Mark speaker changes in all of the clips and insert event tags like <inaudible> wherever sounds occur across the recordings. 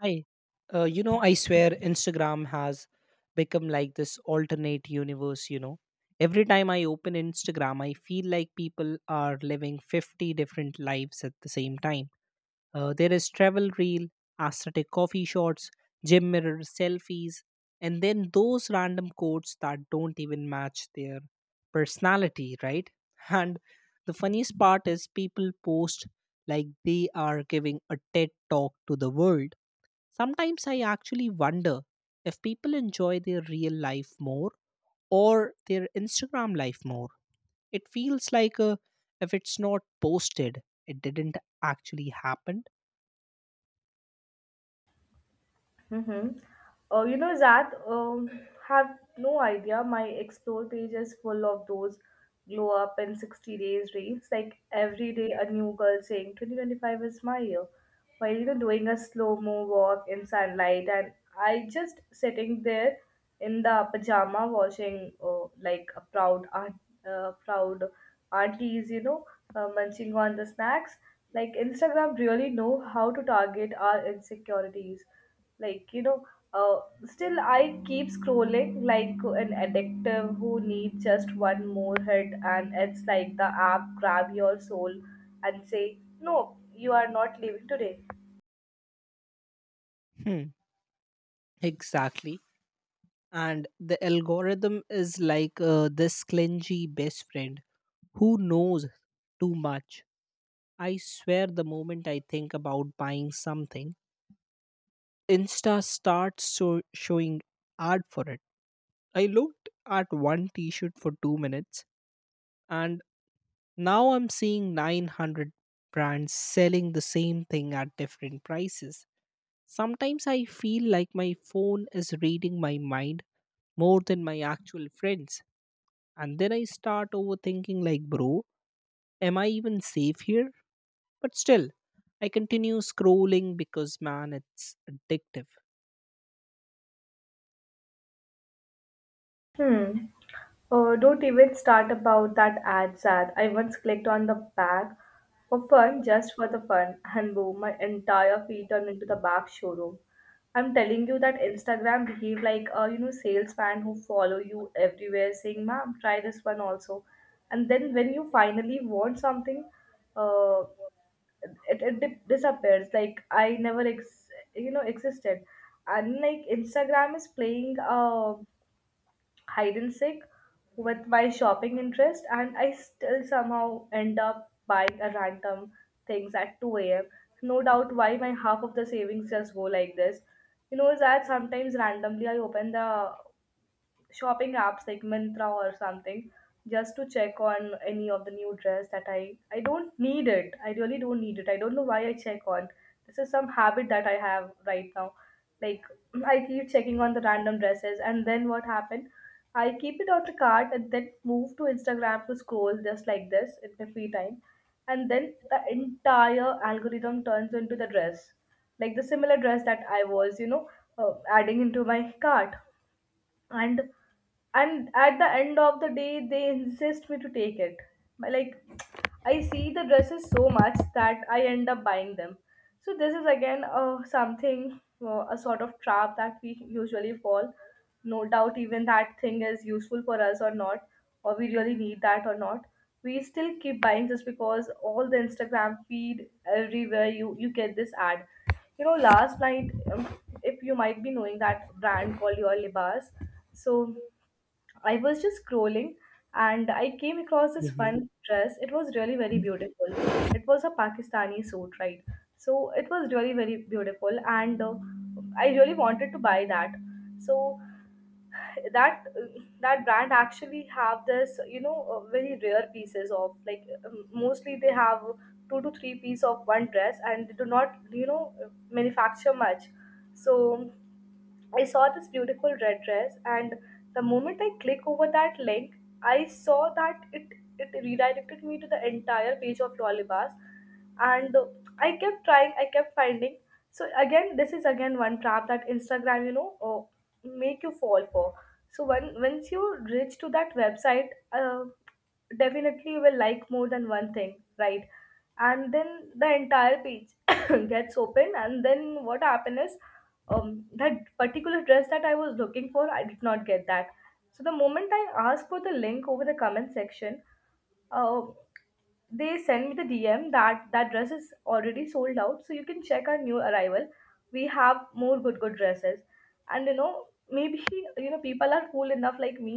Speaker 1: Hi. I swear Instagram has become like this alternate universe, you know. Every time I open Instagram, I feel like people are living 50 different lives at the same time. There is travel reel, aesthetic coffee shots, gym mirror selfies, and then those random quotes that don't even match their personality, right? <laughs> And the funniest part is people post like they are giving a TED talk to the world. Sometimes I actually wonder if people enjoy their real life more or their Instagram life more. It feels like if it's not posted, it didn't actually happen.
Speaker 2: Mm-hmm. Zat, have no idea. My explore page is full of those glow up in 60 days reels. Like every day, a new girl saying 2025 is my year, while doing a slow mo walk in sunlight. And I just sitting there in the pajama watching like a proud aunt, proud aunties, munching on the snacks. Like Instagram really know how to target our insecurities, like, uh, still I keep scrolling like an addictive who needs just one more hit, and it's like the app grab your soul and say no, you are not leaving today.
Speaker 1: Hmm, exactly. And the algorithm is like this clingy best friend who knows too much. I swear the moment I think about buying something, Insta starts showing ad for it. I looked at one t shirt for 2 minutes, and now I'm seeing 900 brands selling the same thing at different prices. Sometimes I feel like my phone is reading my mind more than my actual friends. And then I start overthinking, like, bro, am I even safe here? But still, I continue scrolling because, man, it's addictive.
Speaker 2: Hmm. Don't even start about that ad, Sad. I once clicked on the bag for fun, just for the fun, and boom, my entire feed turned into the bag showroom. I'm telling you that Instagram behave like a salesman who follow you everywhere, saying, "Ma'am, try this one also," and then when you finally want something, uh, it disappears. Like I never existed, and like Instagram is playing hide and seek with my shopping interest, and I still somehow end up buying a random things at 2 a.m. No doubt why my half of the savings just go like this. You know is that sometimes randomly I open the shopping apps like Mantra or something just to check on any of the new dress that I don't need it. I really don't need it. I don't know why I check on. This is some habit that I have right now. Like <clears throat> I keep checking on the random dresses, and then what happened? I keep it on the cart and then move to Instagram to scroll just like this in my free time. And then the entire algorithm turns into the dress. Like the similar dress that I was, adding into my cart, and at the end of the day they insist me to take it, like I see the dresses so much that I end up buying them. So this is again something a sort of trap that we usually fall, no doubt even that thing is useful for us or not, or we really need that or not, we still keep buying just because all the Instagram feed, everywhere you get this ad. Last night, if you might be knowing that brand called Your Libas, so I was just scrolling and I came across this
Speaker 1: Mhm.
Speaker 2: one dress. It was really very beautiful. It was a Pakistani suit, right? So it was really very beautiful, and I really wanted to buy that. So that that brand actually have this very rare pieces of like mostly they have two to three piece of one dress, and they do not manufacture much. So I saw this beautiful red dress, and the moment I click over that link, I saw that it redirected me to the entire page of Lollibas, and I kept trying, I kept finding. So again, this is again one trap that Instagram, make you fall for. So when once you reach to that website, definitely you will like more than one thing, right? And then the entire page <coughs> gets open, and then what happens is that particular dress that I was looking for, I did not get that. So the moment I asked for the link over the comment section, uh, they sent me the DM that that dress is already sold out, so you can check our new arrival. We have more good good dresses, and maybe people are cool enough like me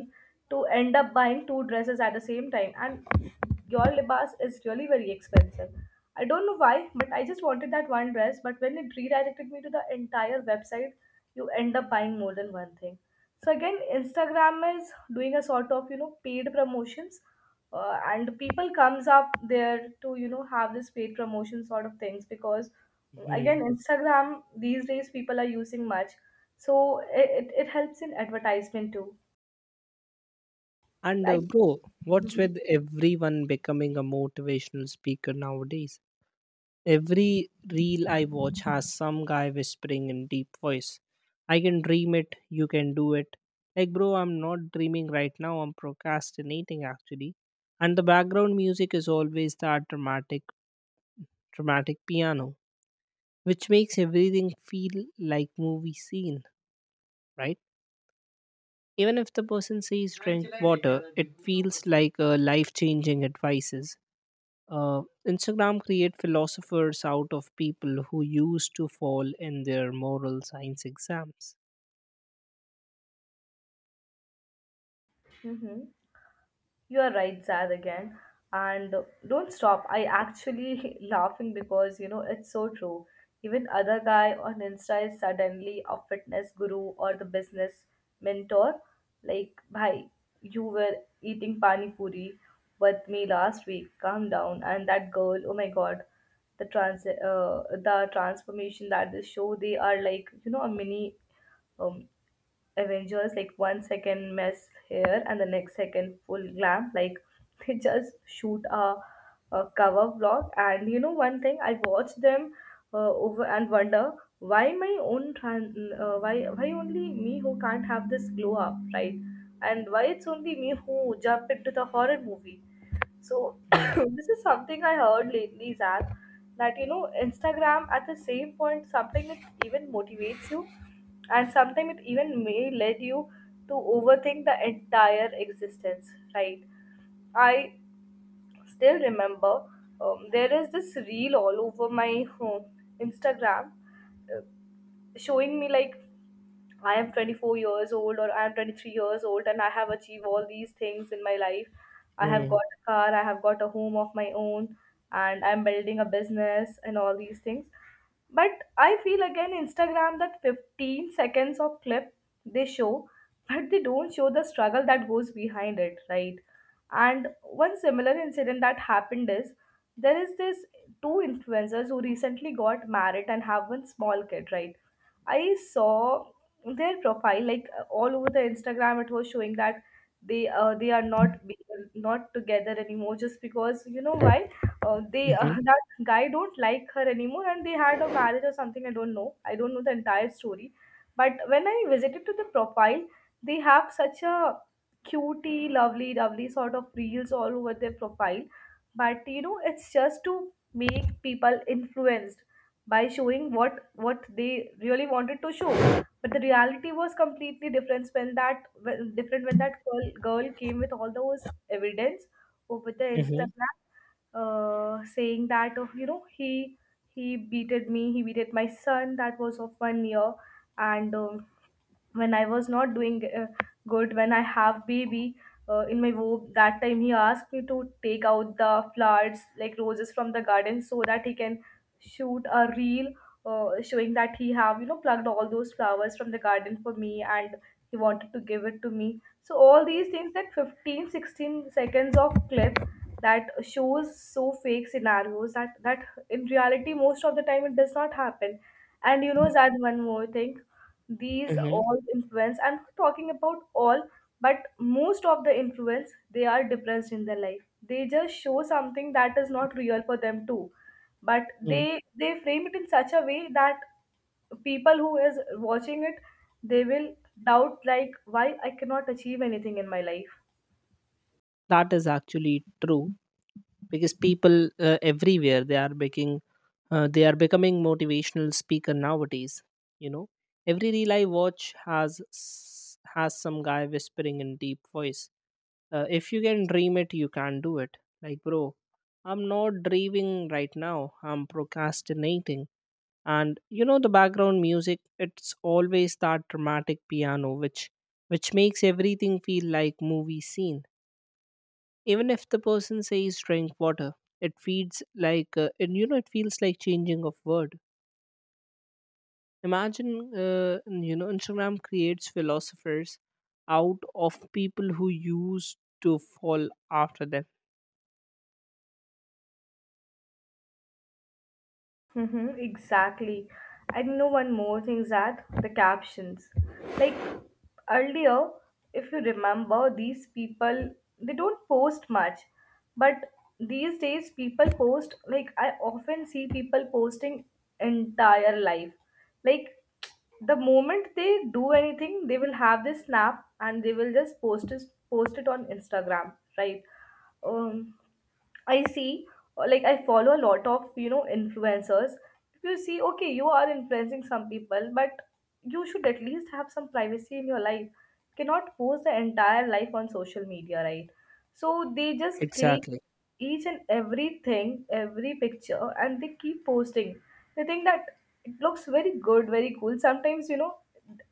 Speaker 2: to end up buying two dresses at the same time. And your libas is really very expensive. I don't know why, but I just wanted that one dress. But when it redirected me to the entire website, you end up buying more than one thing. So again, Instagram is doing a sort of paid promotions, and people comes up there to have this paid promotion sort of things, because again
Speaker 1: Mhm.
Speaker 2: Instagram these days people are using much, so it helps in advertisement too,
Speaker 1: And
Speaker 2: like.
Speaker 1: bro, what's with everyone becoming a motivational speaker nowadays? Every reel I watch has some guy whispering in deep voice, I can dream it, you can do it. Like, bro, I'm not dreaming right now, I'm procrastinating actually. And the background music is always that dramatic piano, which makes everything feel like movie scene, right? Even if the person says drink water, it feels like a life changing advices. Instagram create philosophers out of people who used to fall in their moral science exams.
Speaker 2: Mm-hmm. You are right, Zad, again. And don't stop. I actually <laughs> laughing because it's so true. Even other guy on Insta is suddenly a fitness guru or the business mentor. Like, bhai, you were eating pani puri with me last week. Calm down. And that girl, oh my god, the trans uh, the transformation that they show, they are like a mini um, Avengers, like 1 second mess here and the next second full glam. Like <laughs> they just shoot a cover vlog. And you know one thing, I watch them over and wonder why my own tran- why only me who can't have this glow up, right? And why it's only me who jump into the horror movie. So <coughs>
Speaker 1: Mm.
Speaker 2: this is something I heard lately, Zach, that Instagram at the same point something it even motivates you, and sometimes it even may lead you to overthink the entire existence. Right? I still remember there is this reel all over my home Instagram showing me like I am 24 years old or I am 23 years old, and I have achieved all these things in my life. I have
Speaker 1: Mm.
Speaker 2: got a car, I have got a home of my own, and I'm building a business and all these things. But I feel again Instagram that 15 seconds of clip they show, <laughs> but they don't show the struggle that goes behind it, right? And one similar incident that happened is there is this two influencers who recently got married and have one small kid, right? I saw their profile like all over the Instagram. It was showing that they are not together anymore, just because you know why they
Speaker 1: Mhm.
Speaker 2: <laughs> that guy don't like her anymore, and they had a marriage or something. I don't know. I don't know the entire story. But when I visited to the profile, they have such a cutie, lovely, lovely sort of reels all over their profile. But it's just to make people influenced by showing what they really wanted to show, but the reality was completely different when that girl came with all those evidence over the
Speaker 1: Mhm.
Speaker 2: Instagram, saying that, oh, he beated me, he beated my son that was of 1 year, and when I was not doing good, when I have baby in my womb, that time he asked me to take out the flowers like roses from the garden so that he can shoot a reel, showing that he have plucked all those flowers from the garden for me, and he wanted to give it to me, so all these things, that 15-16 seconds of clip that shows so fake scenarios that in reality, most of the time it does not happen. And Zad, one more thing. These
Speaker 1: Mhm.
Speaker 2: all influence, I'm not talking about all, but most of the influence, they are depressed in their life. They just show something that is not real for them too. But
Speaker 1: Mm.
Speaker 2: they frame it in such a way that people who is watching it, they will doubt like why I cannot achieve anything in my life.
Speaker 1: That is actually true because people everywhere they are making they are becoming motivational speaker nowadays. You know, every reel I watch has some guy whispering in deep voice. If you can dream it, you can do it. Like, bro, I'm not dreaming right now, I'm procrastinating. And you know, the background music, it's always that dramatic piano, which makes everything feel like movie scene. Even if the person says drink water, it feels like and you know it feels like changing of word. Imagine, uh, Instagram creates philosophers out of people who used to fall after them.
Speaker 2: Mm-hmm, exactly. And you know one more thing, is that the captions. Like earlier, if you remember, these people they don't post much, but these days people post like I often see people posting entire life. Like the moment they do anything, they will have this snap and they will just post it on Instagram, right? um, I see, like I follow a lot of influencers. If you see, okay, you are influencing some people, but you should at least have some privacy in your life. Cannot post the entire life on social media, right? So they just click
Speaker 1: Exactly.
Speaker 2: each and everything, every picture, and they keep posting. I think that it looks very good, very cool. Sometimes,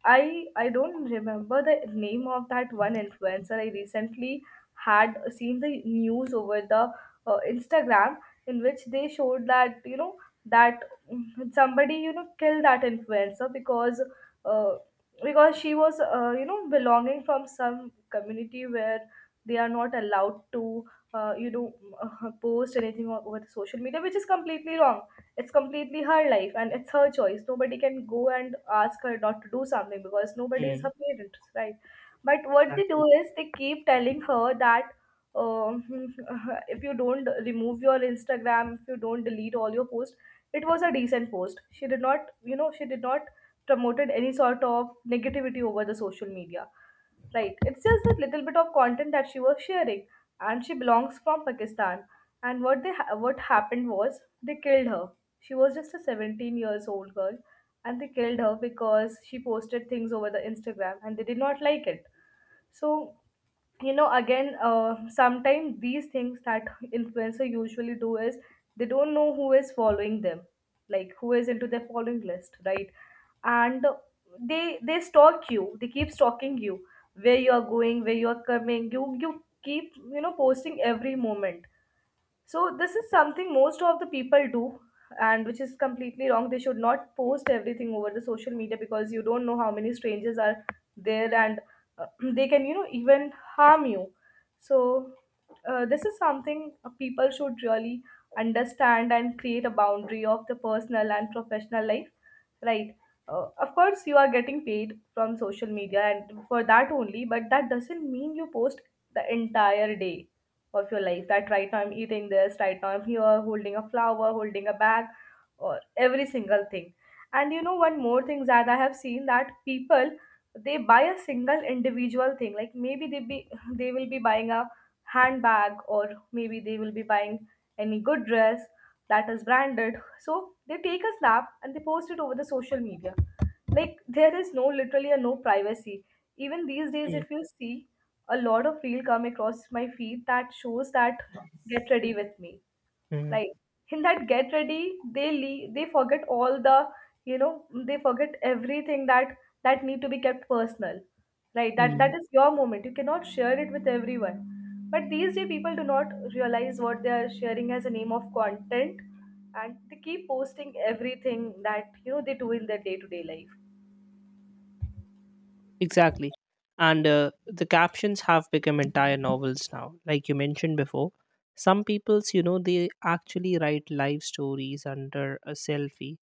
Speaker 2: I don't remember the name of that one influencer. I recently had seen the news over the Instagram, in which they showed that that somebody killed that influencer uh, because she was, belonging from some community where they are not allowed to uh, you know <laughs> post anything over the social media, which is completely wrong. It's completely her life and it's her choice. Nobody can go and ask her not to do something because nobody is her
Speaker 1: Mm.
Speaker 2: parent, right? But what they do
Speaker 1: Exactly.
Speaker 2: is they keep telling her that, uh, <laughs> if you don't remove your Instagram, if you don't delete all your posts. It was a decent post. She did not, she did not promoted any sort of negativity over the social media. Right. It's just that little bit of content that she was sharing, and she belongs from Pakistan. And what happened was they killed her. She was just a 17 years old girl, and they killed her because she posted things over the Instagram, and they did not like it. So, again, sometimes these things that influencer usually do is they don't know who is following them, like who is into their following list, right? And they stalk you. They keep stalking you, where you are going, where you are coming. You keep posting every moment. So this is something most of the people do, and which is completely wrong. They should not post everything over the social media, because you don't know how many strangers are there. And uh, <clears throat> they can, even harm you. So this is something people should really understand, and create a boundary of the personal and professional life, right? Of course, you are getting paid from social media and for that only, but that doesn't mean you post the entire day of your life, that right now I'm eating this, right now I'm here holding a flower, holding a bag, or every single thing. And one more thing that I have seen, that people, they buy a single individual thing, like maybe they be <laughs> they will be buying a handbag, or maybe they will be buying any good dress that is branded. So they take a snap and they post it over the social media. Like there is no, literally a no privacy. Even these days,
Speaker 1: Mm.
Speaker 2: if you see, a lot of reel come across my feed that shows that "get ready with me".
Speaker 1: Mm.
Speaker 2: Like, in that get ready, they leave, they forget all the, they forget everything that that need to be kept personal. Right, that that
Speaker 1: Mm.
Speaker 2: is your moment, you cannot share it with everyone. But these day people do not realize what they are sharing as a name of content, and they keep posting everything that they do in their day to day life.
Speaker 1: Exactly. And the captions have become entire novels now. Like you mentioned before, some people's, you know, they actually write life stories under a selfie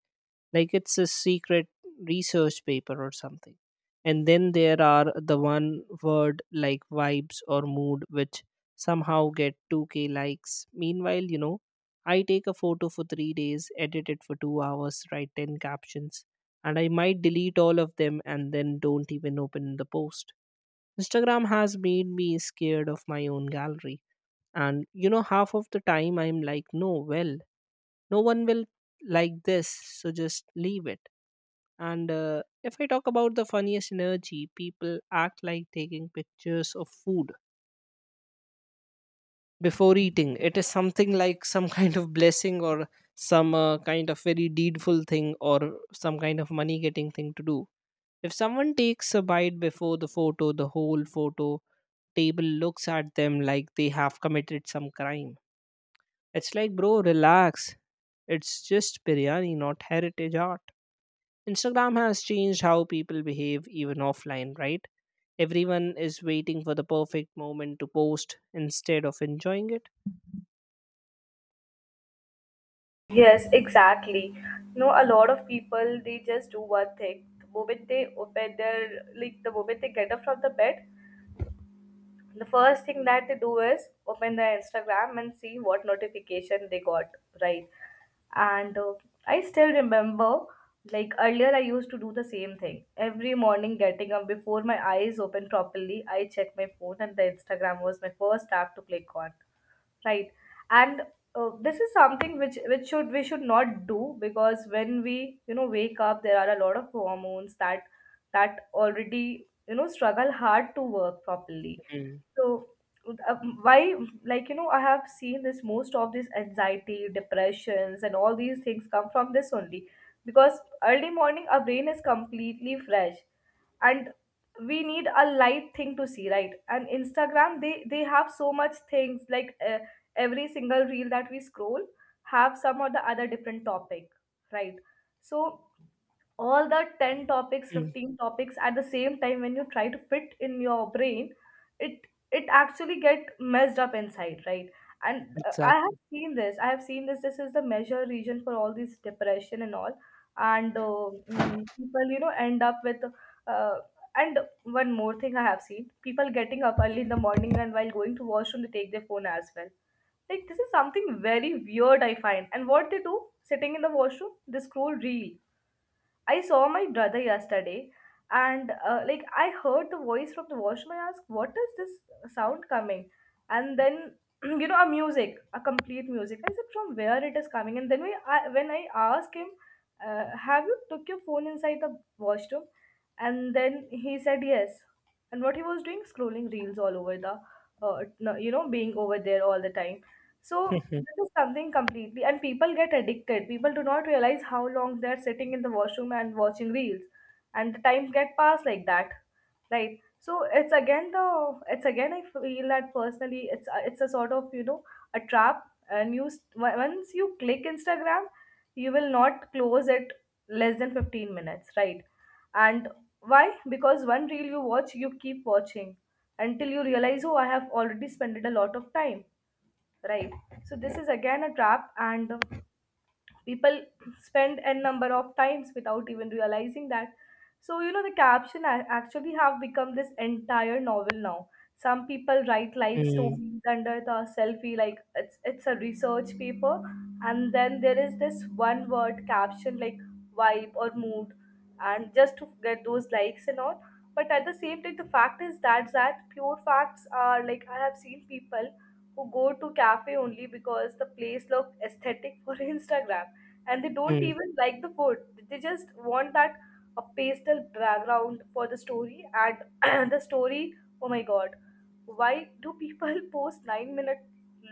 Speaker 1: like it's a secret research paper or something. And then there are the one word like vibes or mood which somehow get 2K likes. Meanwhile, you know, I take a photo for 3 days, edit it for 2 hours, write 10 captions, and I might delete all of them and then don't even open the post. Instagram has made me scared of my own gallery. And you know, half of the time I'm like, no, well, no one will like this, so just leave it. And if I talk about the funniest energy, people act like taking pictures of food before eating it is something like some <laughs> kind of blessing or some kind of very deedful thing or some kind of money getting thing to do. If someone takes a bite before the photo, the whole photo table looks at them like they have committed some crime. It's like, bro, relax. It's just biryani, not heritage art. Instagram has changed how people behave even offline, right? Everyone is waiting for the perfect moment to post instead of enjoying it.
Speaker 2: Yes, exactly. No, a lot of people, they just do one thing. The moment they open their, like the moment they get up from the bed, the first thing that they do is open their Instagram and see what notification they got, right? And I still remember, like earlier I used to do the same thing. Every morning, getting up before my eyes open properly, I check my phone, and the Instagram was my first app to click on, right? And this is something which, should, we should not do, because when we, wake up, there are a lot of hormones that that already, struggle hard to work properly.
Speaker 1: Mm.
Speaker 2: So uh, why, like I have seen this, most of this anxiety, depressions and all these things come from this only. Because early morning our brain is completely fresh, and we need a light thing to see, right? And Instagram, they have so much things, like every single reel that we scroll have some or the other different topic, right? So all the 10 topics,
Speaker 1: Mm.
Speaker 2: 15 topics at the same time when you try to fit in your brain, it it actually get messed up inside, right? And i have
Speaker 1: Exactly.
Speaker 2: seen this i have seen this this is the measure region for all these depression and all. And people, end up with uh, and one more thing I have seen, people getting up early in the morning, and while going to washroom they take their phone as well. Like, this is something very weird I find. And what they do, sitting in the washroom, they scroll reel. I saw my brother yesterday, and like, I heard the voice from the washroom. I asked, "What is this sound coming?" And then <clears throat>, a music, a complete music. I said, "From where it is coming?" And then when I asked him, "Have you took your phone inside the washroom?" And then he said, "Yes." And what he was doing, scrolling reels all over the being over there all the time. So this
Speaker 1: <laughs>
Speaker 2: is something completely, and people get addicted, people do not realize how long they're sitting in the washroom and watching reels, and the time get passed like that, right? So it's again, the it's again I feel that personally, it's it's a sort of, a trap. And you once you click Instagram, you will not close it less than 15 minutes, right? And why? Because one reel you watch, you keep watching, until you realize, oh, I have already spent a lot of time, right? So this is again a trap, and people spend n number of times without even realizing that. So the caption actually have become this entire novel now. Some people write
Speaker 1: Mm.
Speaker 2: life
Speaker 1: Mm.
Speaker 2: stories under the selfie, like it's, a research paper. And then there is this one word caption like vibe or mood, and just to get those likes and all. But at the same time, the fact is that, pure facts are, like I have seen people who go to cafe only because the place look aesthetic for <laughs> Instagram, and they don't even like the food. They just want that a pastel background for the story and <clears throat> the story. Oh my god, why do people <laughs> post 9 minute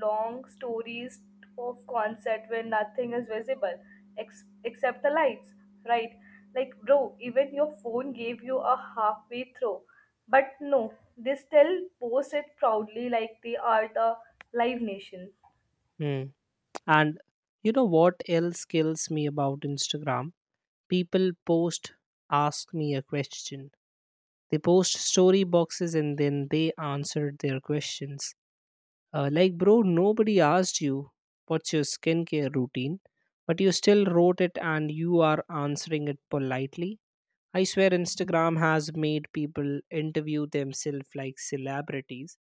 Speaker 2: long stories of concert when nothing is visible except the lights, right? Like, bro, even your phone gave you a halfway throw, but no, they still post it proudly like they are the live nation.
Speaker 1: Mm. And you know what else kills me about Instagram? People post, ask me a question. They post story boxes and then they answer their questions. Like, bro, nobody asked you what's your skincare routine, but you still wrote it and you are answering it politely. I swear Instagram has made people interview themselves like celebrities.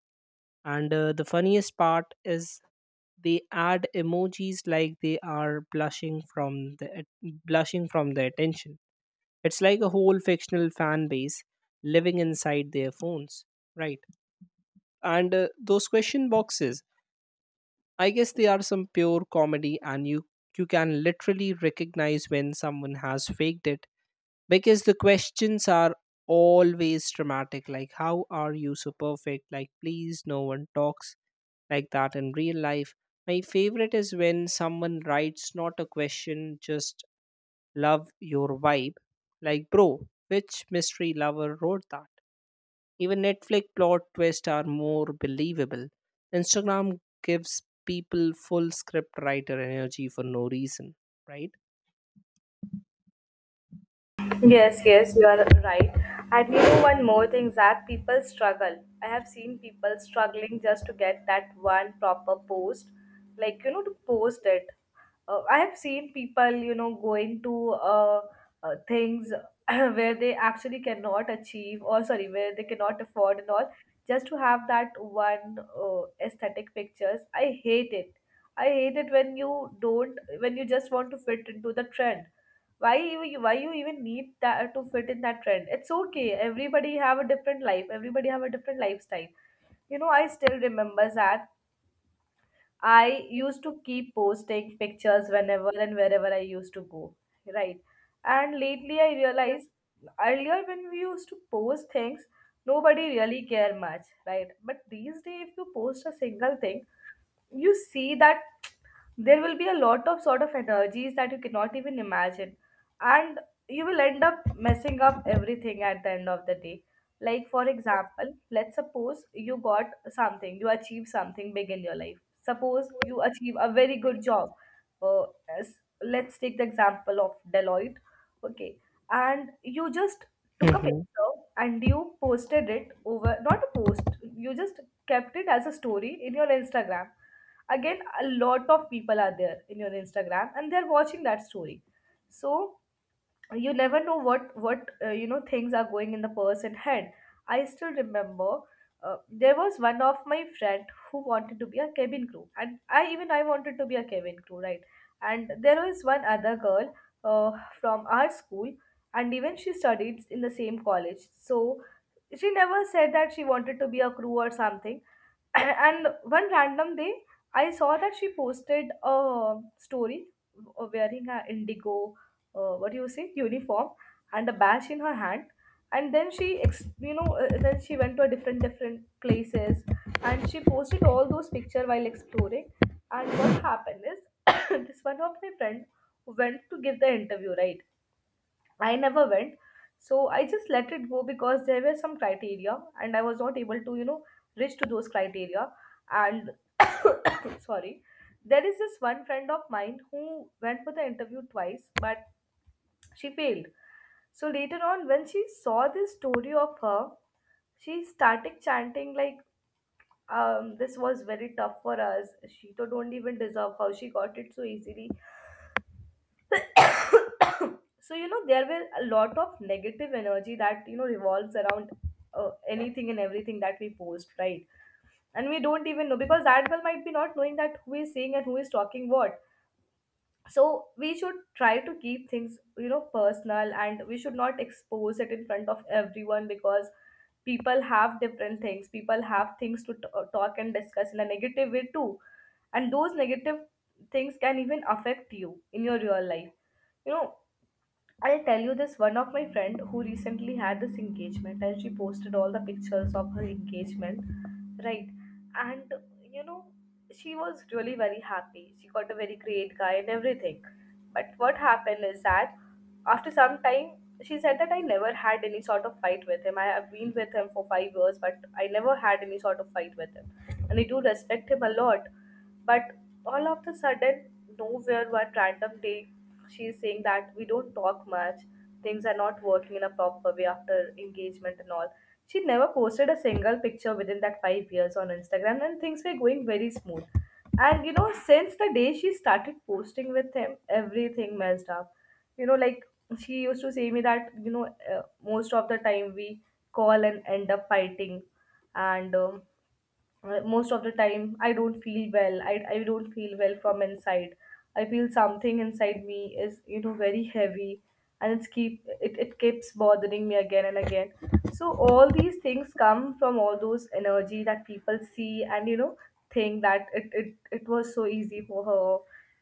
Speaker 1: And the funniest part is they add emojis like they are blushing from the blushing from the attention. It's like a whole fictional fan base living inside their phones, right? And those question boxes, I guess they are some pure comedy, and you can literally recognize when someone has faked it because the questions are always dramatic, like "How are you so perfect?" Like, please, no one talks like that in real life. My favorite is when someone writes not a question, just love your vibe. Like, bro, which mystery lover wrote that? Even Netflix plot twists are more believable. Instagram gives people full script writer energy for no reason, right?
Speaker 2: Yes, yes, you are right. And one more thing that people struggle. I have seen people struggling just to get that one proper post, like to post it. I have seen people, going to things <clears throat> where they actually cannot achieve, or sorry, where they cannot afford and all, just to have that one aesthetic pictures. I hate it. I hate it when you don't, when you just want to fit into the trend. Why you, why you even need that to fit in that trend? It's okay, everybody have a different life, everybody have a different lifestyle. I still remember that I used to keep posting pictures whenever and wherever I used to go, right? And lately I realized, earlier when we used to post things, nobody really care much, right? But these days, if you post a single thing, you see that there will be a lot of sort of energies that you cannot even imagine, and you will end up messing up everything at the end of the day. Like for example, let's suppose you got something, you achieve something big in your life, suppose you achieve a very good job, uh, let's take the example of Deloitte, okay? And you just took a picture
Speaker 1: Mm-hmm.
Speaker 2: and you posted it over, not a post, you just kept it as a story in your Instagram. Again, a lot of people are there in your Instagram, and they're watching that story. So you never know what, things are going in the person head. I still remember, there was one of my friend who wanted to be a cabin crew, and I, even I wanted to be a cabin crew, right? And there was one other girl, uh, from our school, and even she studied in the same college. So she never said that she wanted to be a crew or something. And one random day, I saw that she posted a story wearing a Indigo, what do you say, uniform, and a badge in her hand. And then she then she went to a different places, and she posted all those pictures while exploring. And what happened is, <coughs> this one of my friend went to give the interview, right? I never went. So I just let it go, because there were some criteria and I was not able to, reach to those criteria. And <clears throat> sorry, there is this one friend of mine who went for the interview twice, but she failed. So later on, when she saw this story of her, she started chanting like, this was very tough for us. She don't even deserve how she got it so easily. So there were a lot of negative energy that revolves around anything and everything that we post, right? And we don't even know, because that girl might be not knowing that who is saying and who is talking what. So we should try to keep things, you know, personal, and we should not expose it in front of everyone, because people have different things, people have things to talk and discuss in a negative way too. And those negative things can even affect you in your real life, you know. I'll tell you, this one of my friend who recently had this engagement and she posted all the pictures of her engagement, right? And, you know, she was really very happy. She got a very great guy and everything. But what happened is that after some time, she said that I never had any sort of fight with him. I have been with him for 5 years, but I never had any sort of fight with him. And I do respect him a lot. But all of a sudden, nowhere, one random day, she's saying that we don't talk much, things are not working in a proper way after engagement and all. She never posted a single picture within that 5 years on Instagram, and things were going very smooth. And you know, since the day she started posting with him, everything messed up. You know, like, she used to say me that, you know, most of the time we call and end up fighting, and most of the time I don't feel well I don't feel well from inside. I feel something inside me is, you know, very heavy, and it keeps bothering me again and again. So all these things come from all those energy that people see, and, you know, think that it was so easy for her,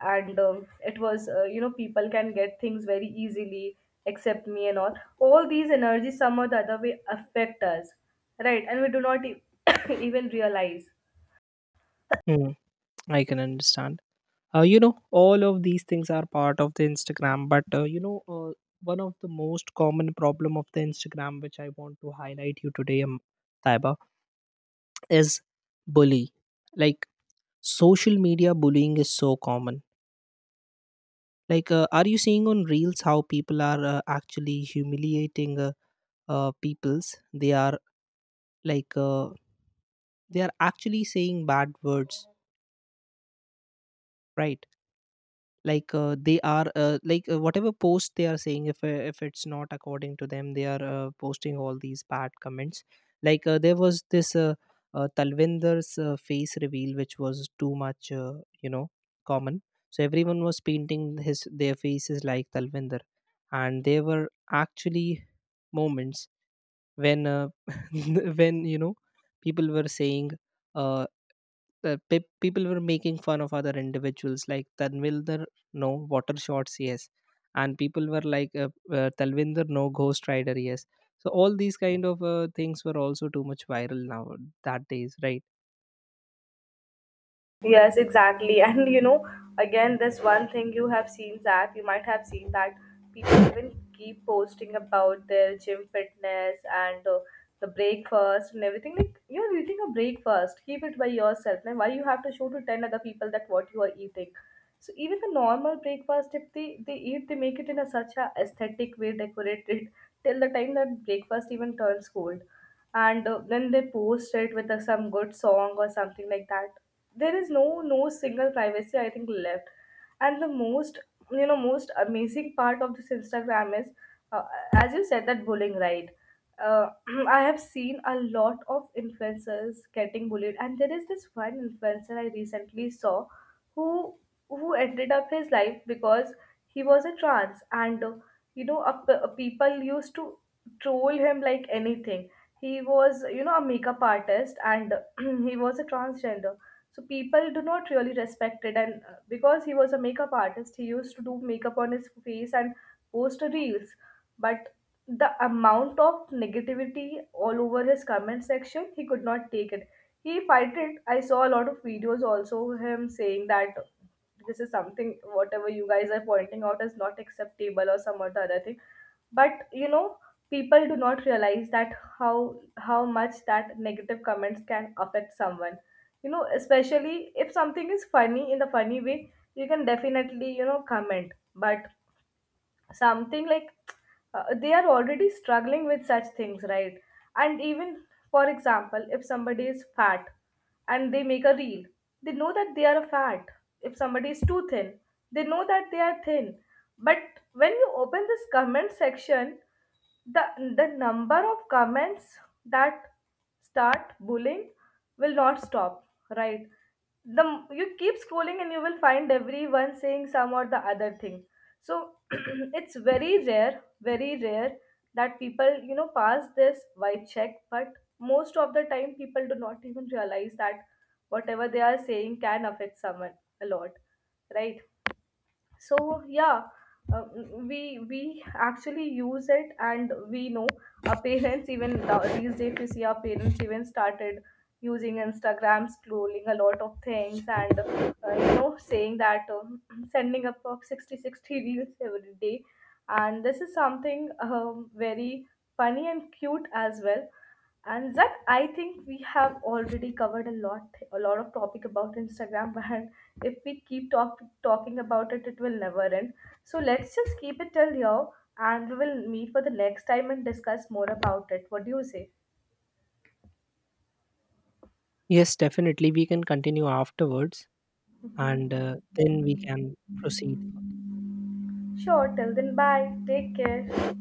Speaker 2: and it was, you know, people can get things very easily except me and all. All these energies somehow the other way affect us, right? And we do not <coughs> even realize.
Speaker 1: Mm, I can understand. All of these things are part of the Instagram, but one of the most common problem of the Instagram, which I want to highlight you today, Taiba, is bully. Like, social media bullying is so common. Like, are you seeing on reels how people are actually humiliating peoples? They are like they are actually saying bad words, right? Like they are like whatever post they are saying, if it's not according to them, they are posting all these bad comments. Like there was this Talvinder's face reveal, which was too much, you know, common. So everyone was painting his their faces like Talvinder, and they were actually moments when <laughs> when you know people were saying uh, people were making fun of other individuals like Tanvilder, no water shots, yes. And people were like Talvinder, no ghost rider, yes. So all these kind of things were also too much viral now that days, right?
Speaker 2: Yes, exactly. <laughs> And you know, again, this one thing you have seen, that you might have seen, that people even keep posting about their gym fitness and, the breakfast and everything. Like, you're eating a breakfast, keep it by yourself. Now, why you have to show to 10 other people that what you are eating? So, even the normal breakfast, if they eat, they make it in a such a aesthetic way, decorated, till the time that breakfast even turns cold, and then they post it with some good song or something like that. There is no single privacy, I think, left. And the most, you know, most amazing part of this Instagram is, uh, as you said, that bullying, right? uh, <clears throat> I have seen a lot of influencers getting bullied, and there is this one influencer I recently saw who ended up his life because he was a trans, and you know, a, p- a people used to troll him like anything. He was, you know, a makeup artist, and <clears throat> he was a transgender. So people do not really respect it, and because he was a makeup artist, he used to do makeup on his face and post reels. But the amount of negativity all over his comment section, he could not take it. He fight it. I saw a lot of videos also, him saying that this is something, whatever you guys are pointing out is not acceptable, or some other thing. But you know, people do not realize that how much that negative comments can affect someone. You know, especially if something is funny, in the funny way, you can definitely, you know, comment. But something like, they are already struggling with such things, right? And even, for example, if somebody is fat and they make a reel, they know that they are fat. If somebody is too thin, they know that they are thin. But when you open this comment section, the the number of comments that start bullying will not stop, right? You keep scrolling and you will find everyone saying some or the other thing. So <clears throat> it's very rare, very rare, that people, you know, pass this vibe check. But most of the time, people do not even realize that whatever they are saying can affect someone a lot, right? So yeah, uh, we actually use it, and we know our parents even these days, we see our parents even started using Instagram, scrolling a lot of things, and you know, saying that <clears throat> sending up of 60 60 reels every day. And this is something, very funny and cute as well. And Zach, I think we have already covered a lot of topic about Instagram, <laughs> and if we keep talking about it, it will never end. So let's just keep it till here, and we will meet for the next time and discuss more about it. What do you say?
Speaker 1: Yes, definitely we can continue afterwards. And
Speaker 2: Hmm.
Speaker 1: then we can proceed.
Speaker 2: Sure. Till then, bye. Take care.